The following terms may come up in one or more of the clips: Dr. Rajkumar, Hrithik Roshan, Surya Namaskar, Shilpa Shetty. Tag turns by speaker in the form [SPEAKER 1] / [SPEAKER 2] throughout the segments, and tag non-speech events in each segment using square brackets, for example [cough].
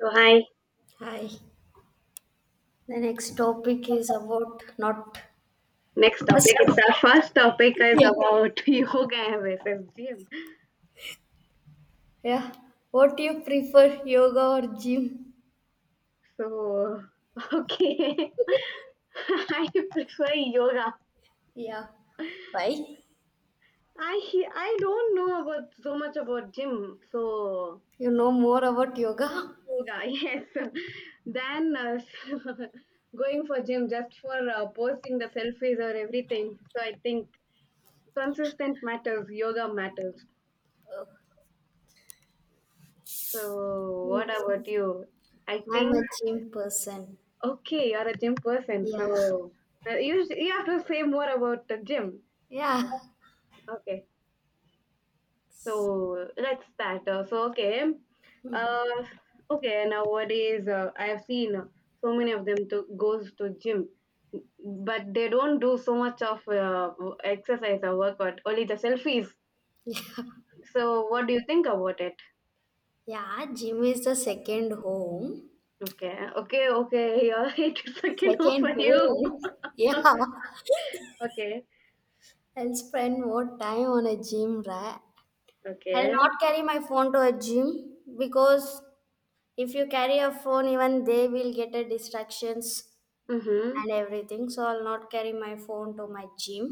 [SPEAKER 1] So hi,
[SPEAKER 2] Hi. The next topic is about not
[SPEAKER 1] next
[SPEAKER 2] a
[SPEAKER 1] topic. It's
[SPEAKER 2] stop.
[SPEAKER 1] our first topic is
[SPEAKER 2] Yeah.
[SPEAKER 1] about [laughs] yoga versus gym.
[SPEAKER 2] Yeah. What do you prefer, yoga or gym?
[SPEAKER 1] So okay, [laughs] I prefer yoga.
[SPEAKER 2] Yeah. Why?
[SPEAKER 1] I don't know about so much about gym. So
[SPEAKER 2] You know more about yoga?
[SPEAKER 1] yoga, [laughs] yes. Then [laughs] going for gym just for posting the selfies or everything. So I think consistent matters. Yoga matters.
[SPEAKER 2] Oh.
[SPEAKER 1] So what
[SPEAKER 2] Hmm.
[SPEAKER 1] about you? I think
[SPEAKER 2] I'm a gym person.
[SPEAKER 1] Okay, you're a gym person,
[SPEAKER 2] Yeah.
[SPEAKER 1] so you have to say more about the gym.
[SPEAKER 2] Yeah.
[SPEAKER 1] Okay, so let's start. Uh, okay. Nowadays, I have seen so many of them to goes to gym, but they don't do so much of exercise or workout. Only the selfies.
[SPEAKER 2] Yeah,
[SPEAKER 1] So what do you think about it?
[SPEAKER 2] yeah, gym is the second home.
[SPEAKER 1] Okay, okay, okay. [laughs] Here it is again [laughs] for
[SPEAKER 2] Second
[SPEAKER 1] you.
[SPEAKER 2] home. [laughs] Yeah.
[SPEAKER 1] Okay,
[SPEAKER 2] I'll spend more time on a gym, right? I'll
[SPEAKER 1] okay.
[SPEAKER 2] not carry my phone to a gym because if you carry a phone, even they will get a distractions
[SPEAKER 1] Mhm,
[SPEAKER 2] and everything. So I'll not carry my phone to my gym.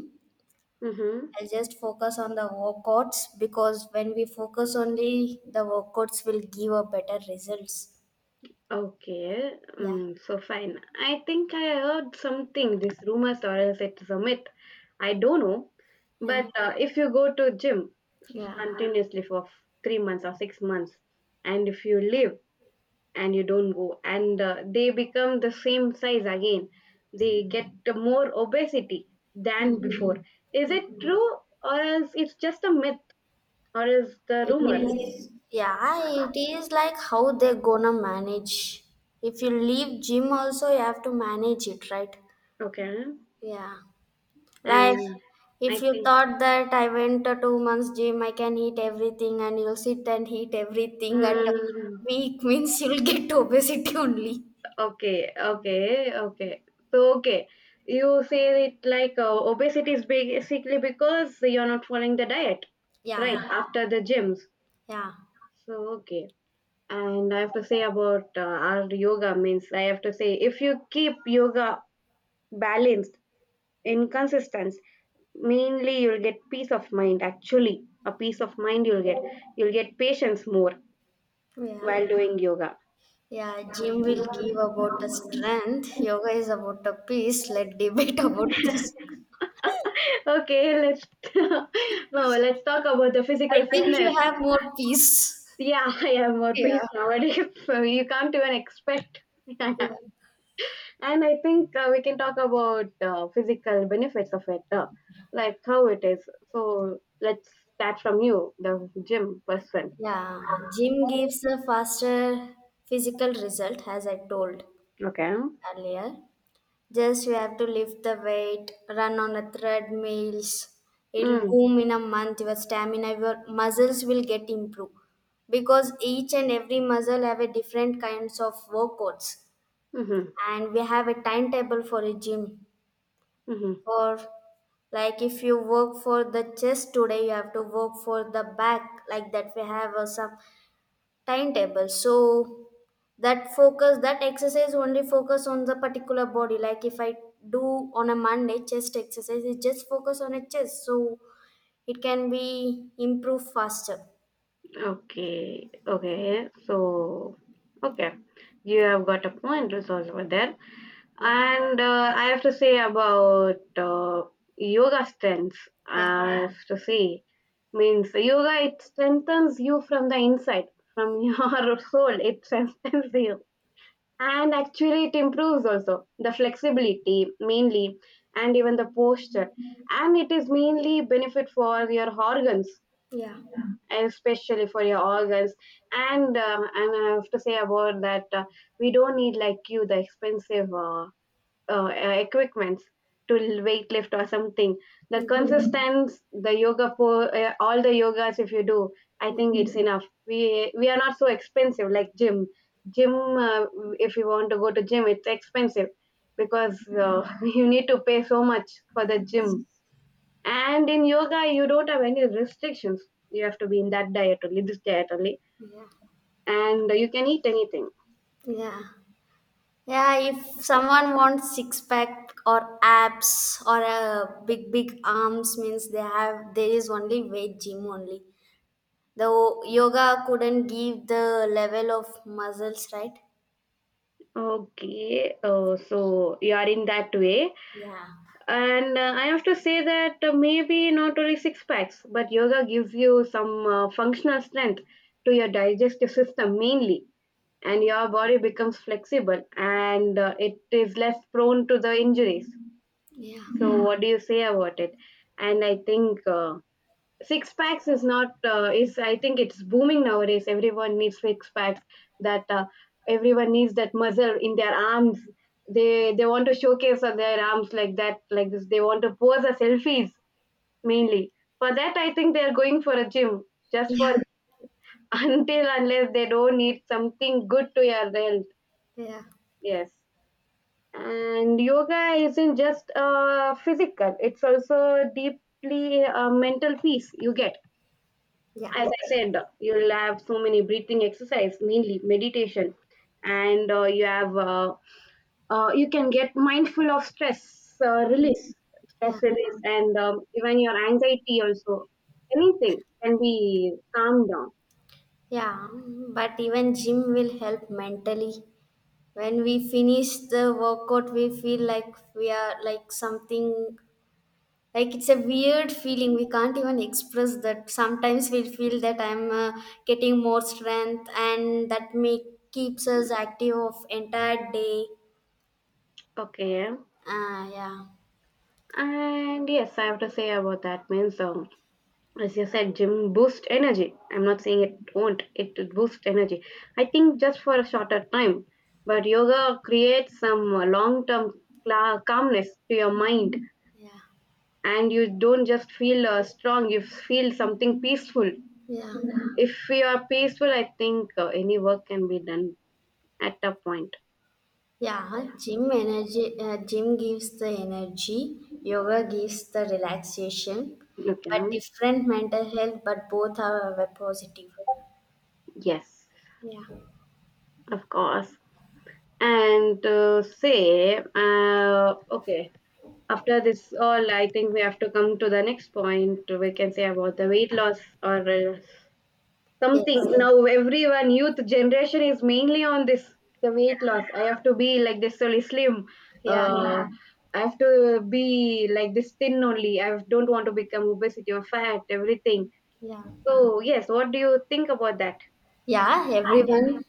[SPEAKER 1] mhm.
[SPEAKER 2] I'll just focus on the workouts because when we focus only the workouts will give a better results.
[SPEAKER 1] Okay,
[SPEAKER 2] Yeah.
[SPEAKER 1] so fine. I think I heard something, this rumors or else it's a myth. I don't know.
[SPEAKER 2] Yeah.
[SPEAKER 1] But if you go to gym
[SPEAKER 2] Yeah.
[SPEAKER 1] continuously for 3 months or 6 months, and if you leave and you don't go, and they become the same size again, they get more obesity than
[SPEAKER 2] Mm.
[SPEAKER 1] before. Is it true or else it's just a myth or is the
[SPEAKER 2] It
[SPEAKER 1] rumor?
[SPEAKER 2] is, yeah, it is like how they gonna manage. If you leave gym also you have to manage it, right?
[SPEAKER 1] Okay,
[SPEAKER 2] Yeah. Life,
[SPEAKER 1] and I
[SPEAKER 2] if you
[SPEAKER 1] think.
[SPEAKER 2] thought that I went to 2 months gym, I can eat everything, and you'll sit and eat everything at a
[SPEAKER 1] mm,
[SPEAKER 2] week [laughs] means you'll get [laughs] obesity only.
[SPEAKER 1] okay, okay, okay. So, okay, you say it like obesity is basically because you're not following the diet, right?
[SPEAKER 2] Yeah,
[SPEAKER 1] Uh-huh. After the gyms.
[SPEAKER 2] yeah,
[SPEAKER 1] So, okay. And I have to say about our yoga means I have to say if you keep yoga balanced in consistence, mainly you'll get peace of mind. Actually, a peace of mind you'll get. You'll get patience more
[SPEAKER 2] yeah,
[SPEAKER 1] while doing yoga.
[SPEAKER 2] yeah. Gym will give about the strength. Yoga is about the peace. Let debate [laughs] about this. I
[SPEAKER 1] Okay, let's [laughs] no, let's talk about the physical
[SPEAKER 2] think you
[SPEAKER 1] fitness.
[SPEAKER 2] have more peace.
[SPEAKER 1] Yeah, [laughs] I am more peace
[SPEAKER 2] Yeah.
[SPEAKER 1] nowadays. [laughs] So you can't even expect. [laughs]
[SPEAKER 2] Yeah.
[SPEAKER 1] And I think we can talk about physical benefits of it, like how it is. So let's start from you, the gym person.
[SPEAKER 2] Yeah. Gym gives a faster physical result, as I told
[SPEAKER 1] Okay.
[SPEAKER 2] earlier. Just you have to lift the weight, run on a treadmills. It'll
[SPEAKER 1] Mm,
[SPEAKER 2] boom in a month. Your stamina, your muscles will get improved because each and every muscle have a different kinds of workouts,
[SPEAKER 1] mm-hmm,
[SPEAKER 2] and we have a timetable for a gym.
[SPEAKER 1] mm-hmm.
[SPEAKER 2] For like if you work for the chest today, you have to work for the back. Like that, we have some timetable so that focus that exercise only focus on the particular body like if I do on a monday chest exercise it just focus on a chest so it can be improved faster.
[SPEAKER 1] Okay. Okay. So, okay. You have got a point also over there.
[SPEAKER 2] Yeah,
[SPEAKER 1] And I have to say about yoga strengths.
[SPEAKER 2] yeah,
[SPEAKER 1] I have to say means yoga. It strengthens you from the inside, from [laughs] your soul. It strengthens you, and actually, it improves also the flexibility mainly, and even the posture. And it is mainly benefit for your organs,
[SPEAKER 2] yeah.
[SPEAKER 1] especially for your organs. And I have to say about that we don't need like you the expensive. Equipments to weightlift or something the
[SPEAKER 2] Mm.
[SPEAKER 1] consistency, the yoga for all the yogas if you do I think it's enough. We are not so expensive like gym. If you want to go to gym it's expensive because [laughs] you need to pay so much for the gym, and in yoga you don't have any restrictions. You have to be in that diet only, this diet only,
[SPEAKER 2] Yeah,
[SPEAKER 1] and you can eat anything.
[SPEAKER 2] yeah, yeah. If someone wants six pack or abs or a big, big arms means they have there is only weight gym only. The yoga couldn't give the level of muscles, right?
[SPEAKER 1] Okay, so you are in that way.
[SPEAKER 2] Yeah.
[SPEAKER 1] And I have to say that maybe not only six packs, but yoga gives you some functional strength to your digestive system mainly, and your body becomes flexible, and it is less prone to the injuries.
[SPEAKER 2] Yeah,
[SPEAKER 1] So what do you say about it? And I think six packs is not is I think it's booming nowadays. Everyone needs six packs, that everyone needs that muscle in their arms. They want to showcase on their arms, like that, like this. They want to pose as selfies mainly. For that, I think they're going for a gym, just for
[SPEAKER 2] yeah,
[SPEAKER 1] [laughs] until unless they don't need something good to your health.
[SPEAKER 2] yeah,
[SPEAKER 1] Yes. And yoga isn't just physical, it's also deeply a mental peace you get.
[SPEAKER 2] yeah,
[SPEAKER 1] As I said, you'll have so many breathing exercise, mainly meditation, and you can get mindful of stress
[SPEAKER 2] yeah,
[SPEAKER 1] release, and even your anxiety also. Anything can be calmed down.
[SPEAKER 2] yeah. But even gym will help mentally. When we finish the workout, we feel like we are like something like it's a weird feeling. We can't even express that. Sometimes we feel that I'm getting more strength, and that make keeps us active of entire day.
[SPEAKER 1] Okay,
[SPEAKER 2] Ah, yeah,
[SPEAKER 1] and yes, I have to say about that means as you said, gym boosts energy. I'm not saying it won't, it boosts energy. I think just for a shorter time, but yoga creates some long term calmness to your mind,
[SPEAKER 2] yeah,
[SPEAKER 1] and you don't just feel strong, you feel something peaceful.
[SPEAKER 2] yeah.
[SPEAKER 1] If you are peaceful, I think any work can be done at a point.
[SPEAKER 2] Yeah, gym gives the energy, yoga gives the relaxation, but
[SPEAKER 1] Okay,
[SPEAKER 2] different mental health, but both are positive.
[SPEAKER 1] yes,
[SPEAKER 2] Yeah,
[SPEAKER 1] of course. And okay, after this all, I think we have to come to the next point. We can say about the weight loss or something.
[SPEAKER 2] yes,
[SPEAKER 1] Now, everyone, youth generation is mainly on this the weight loss. I have to be like this only slim.
[SPEAKER 2] yeah,
[SPEAKER 1] Yeah. I have to be like this thin only. I don't want to become obesity or fat, everything.
[SPEAKER 2] yeah,
[SPEAKER 1] So, yes, what do you think about that?
[SPEAKER 2] yeah. Everyone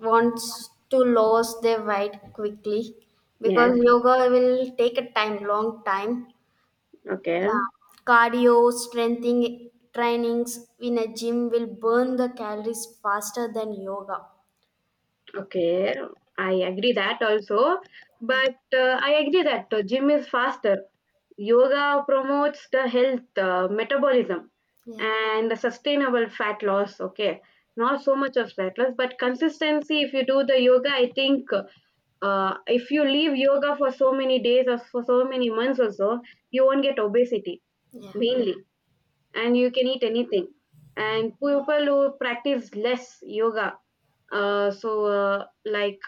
[SPEAKER 2] wants to lose their weight quickly
[SPEAKER 1] Yes.
[SPEAKER 2] because yoga will take a time, long time.
[SPEAKER 1] Okay.
[SPEAKER 2] Yeah, cardio, strengthening trainings in a gym will burn the calories faster than yoga.
[SPEAKER 1] Okay, I agree that also, but I agree that gym is faster. Yoga promotes the health, metabolism,
[SPEAKER 2] Yeah.
[SPEAKER 1] and the sustainable fat loss. Okay, not so much of fat loss, but consistency. If you do the yoga, I think if you leave yoga for so many days or for so many months or so, you won't get obesity
[SPEAKER 2] Yeah,
[SPEAKER 1] mainly, and you can eat anything. And people who practice less yoga, uh, so uh, like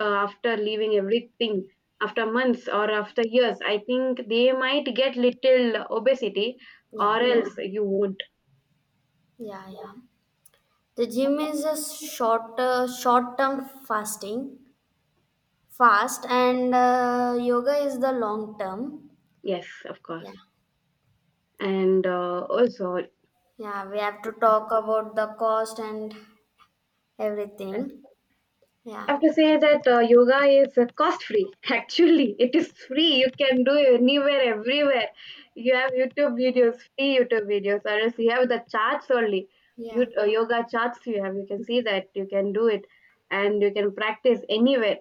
[SPEAKER 1] after leaving everything, after months or after years, I think they might get little obesity,
[SPEAKER 2] yeah,
[SPEAKER 1] or else you won't.
[SPEAKER 2] yeah, yeah. The gym is a short-term fasting, fast, and yoga is the long-term.
[SPEAKER 1] Yes, of course.
[SPEAKER 2] Yeah,
[SPEAKER 1] And also
[SPEAKER 2] yeah. We have to talk about the cost and everything.
[SPEAKER 1] I
[SPEAKER 2] Yeah,
[SPEAKER 1] have to say that yoga is cost free. [laughs] Actually, it is free. You can do it anywhere, everywhere. You have YouTube videos, free YouTube videos, or else you have the charts only.
[SPEAKER 2] yeah.
[SPEAKER 1] Yoga charts you have. You can see that. You can do it. And you can practice anywhere,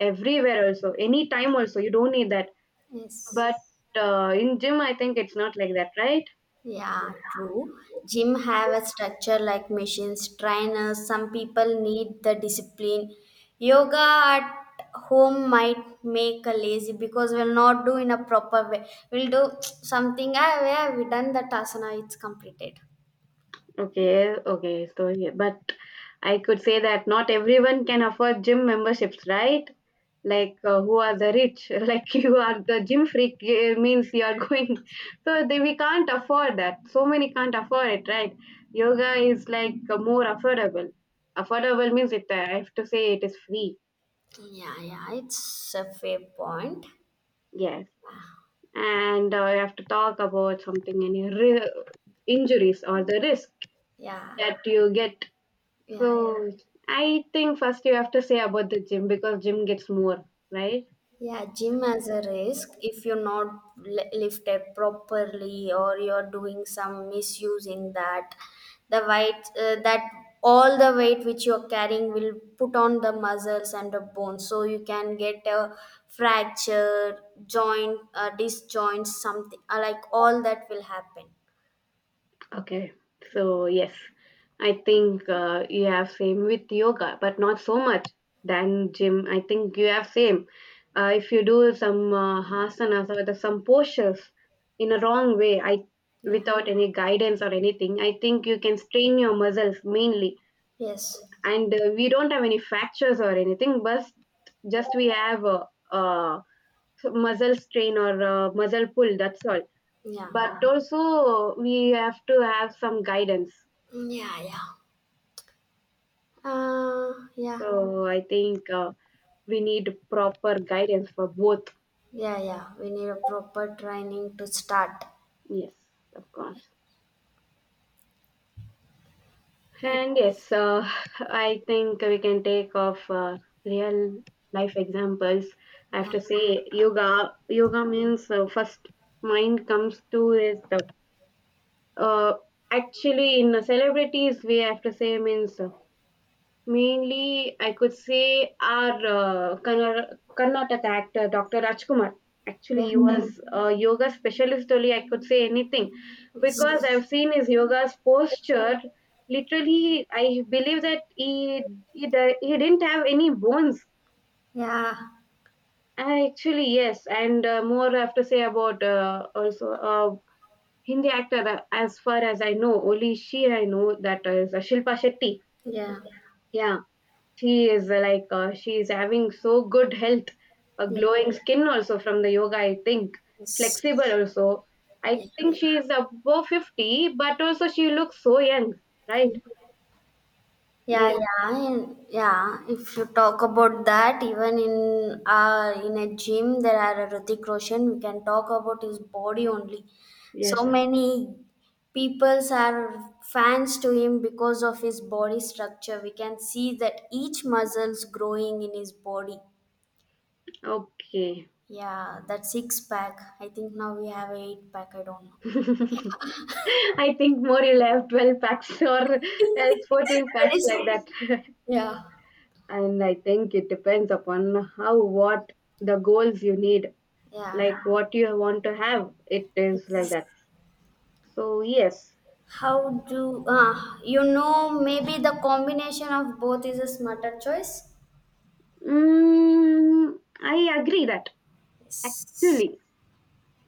[SPEAKER 1] everywhere also, anytime also. You don't need that.
[SPEAKER 2] Yes.
[SPEAKER 1] But in gym, I think it's not like that, right?
[SPEAKER 2] Yeah, true. Gym have a structure like machines, trainers. Some people need the discipline. Yoga at home might make a lazy because we'll not do in a proper way. We'll do [tsk] something where we done that asana, it's completed.
[SPEAKER 1] Okay, okay. So, yeah, but I could say that not everyone can afford gym memberships, right? Like, who are the rich? [laughs] Like, you are the gym freak, it means you are going. [laughs] So, we can't afford that. So many can't afford it, right? Yoga is like more affordable. Affordable means I have to say it is free.
[SPEAKER 2] Yeah, yeah, it's a fair point.
[SPEAKER 1] Yes. And I have to talk about something, any injuries or the risk
[SPEAKER 2] Yeah,
[SPEAKER 1] that you get.
[SPEAKER 2] yeah,
[SPEAKER 1] So
[SPEAKER 2] yeah.
[SPEAKER 1] I think first you have to say about the gym because gym gets more, right?
[SPEAKER 2] Yeah, gym has a risk if you're not lifted properly or you're doing some misusing that the weight that all the weight which you're carrying will put on the muscles and the bones so you can get a fracture joint disjoint something like all that will happen.
[SPEAKER 1] Okay.
[SPEAKER 2] Yeah.
[SPEAKER 1] So yes, I think you have same with yoga, but not so much than gym. I think you have same. If you do some some postures in a wrong way, I
[SPEAKER 2] Yeah.
[SPEAKER 1] without any guidance or anything, I think you can strain your muscles mainly.
[SPEAKER 2] Yes,
[SPEAKER 1] And we don't have any fractures or anything, but just we have uh, so muscle strain or muscle pull, that's all.
[SPEAKER 2] yeah,
[SPEAKER 1] But also we have to have some guidance.
[SPEAKER 2] yeah, yeah, yeah,
[SPEAKER 1] So I think we need proper guidance for both.
[SPEAKER 2] yeah, yeah, we need a proper training to start.
[SPEAKER 1] Yes, of course.
[SPEAKER 2] I.
[SPEAKER 1] And yes, [laughs] I think we can take off real life examples, I have
[SPEAKER 2] Yeah,
[SPEAKER 1] to say. Yoga yoga means first mind comes to is the uh, actually in the celebrities we have to say means mainly, I could say our Karnataka actor, Dr. Rajkumar. Actually,
[SPEAKER 2] yeah,
[SPEAKER 1] he was a yoga specialist only. I could say anything because, yes,
[SPEAKER 2] yes,
[SPEAKER 1] I've seen his yoga's posture. Literally, I believe that he didn't have any bones.
[SPEAKER 2] yeah,
[SPEAKER 1] Actually, yes, and more I have to say about also Hindi actor. As far as I know, only she I know that is Shilpa Shetty.
[SPEAKER 2] yeah,
[SPEAKER 1] Yeah, she is she is having so good health, a
[SPEAKER 2] yeah,
[SPEAKER 1] glowing skin also from the yoga. I think
[SPEAKER 2] yes,
[SPEAKER 1] flexible also.
[SPEAKER 2] yeah,
[SPEAKER 1] I think she is above 50, but also she looks so young, right?
[SPEAKER 2] yeah,
[SPEAKER 1] Yes,
[SPEAKER 2] yeah, and yeah. If you talk about that, even in a gym, there are a Hrithik Roshan. We can talk about his body only.
[SPEAKER 1] yes.
[SPEAKER 2] So many peoples are fans to him because of his body structure. We can see that each muscles growing in his body.
[SPEAKER 1] Okay.
[SPEAKER 2] Yeah, that six pack. I think now we have eight pack. I don't know.
[SPEAKER 1] [laughs] I think more you'll have 12 packs [laughs] or
[SPEAKER 2] [laughs]
[SPEAKER 1] else 14
[SPEAKER 2] That
[SPEAKER 1] packs
[SPEAKER 2] is,
[SPEAKER 1] like that.
[SPEAKER 2] yeah,
[SPEAKER 1] [laughs] And I think it depends upon how, what the goals you need,
[SPEAKER 2] yeah.
[SPEAKER 1] like what you want to have. It is like that. So, yes.
[SPEAKER 2] How do you know? Maybe the combination of both is a smarter choice.
[SPEAKER 1] Mm, I agree that
[SPEAKER 2] Yes.
[SPEAKER 1] actually,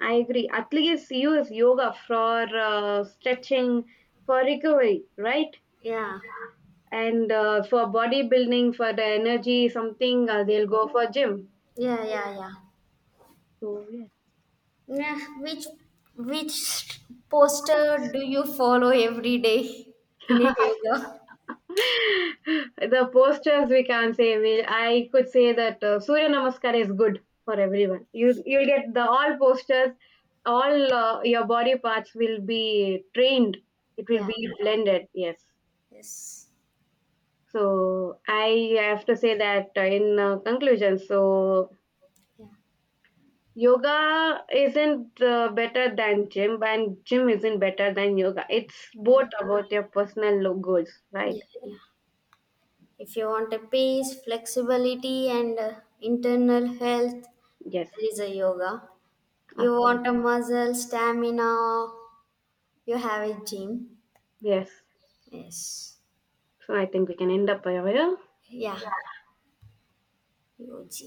[SPEAKER 1] I agree. Athletes use yoga for stretching, for recovery, right?
[SPEAKER 2] Yeah,
[SPEAKER 1] And for bodybuilding, for the energy, something they'll go for gym.
[SPEAKER 2] yeah, yeah, yeah.
[SPEAKER 1] So yeah.
[SPEAKER 2] Nah, which which poster do you follow every day in a yoga?
[SPEAKER 1] The postures we can say. I could say that Surya Namaskar is good for everyone. You you'll get the all postures, all your body parts will be trained. It will
[SPEAKER 2] Yeah.
[SPEAKER 1] be blended. Yes.
[SPEAKER 2] Yes.
[SPEAKER 1] So I have to say that in conclusion, so
[SPEAKER 2] Yeah.
[SPEAKER 1] yoga isn't better than gym, and gym isn't better than yoga. It's
[SPEAKER 2] Yeah.
[SPEAKER 1] both about your personal goals, right?
[SPEAKER 2] If you want a peace, flexibility, and internal health,
[SPEAKER 1] Yes,
[SPEAKER 2] there is a yoga. You
[SPEAKER 1] of course.
[SPEAKER 2] want a muscle, stamina, you have a gym.
[SPEAKER 1] Yes.
[SPEAKER 2] Yes.
[SPEAKER 1] So I think we can end up over here.
[SPEAKER 2] Yeah, yogi.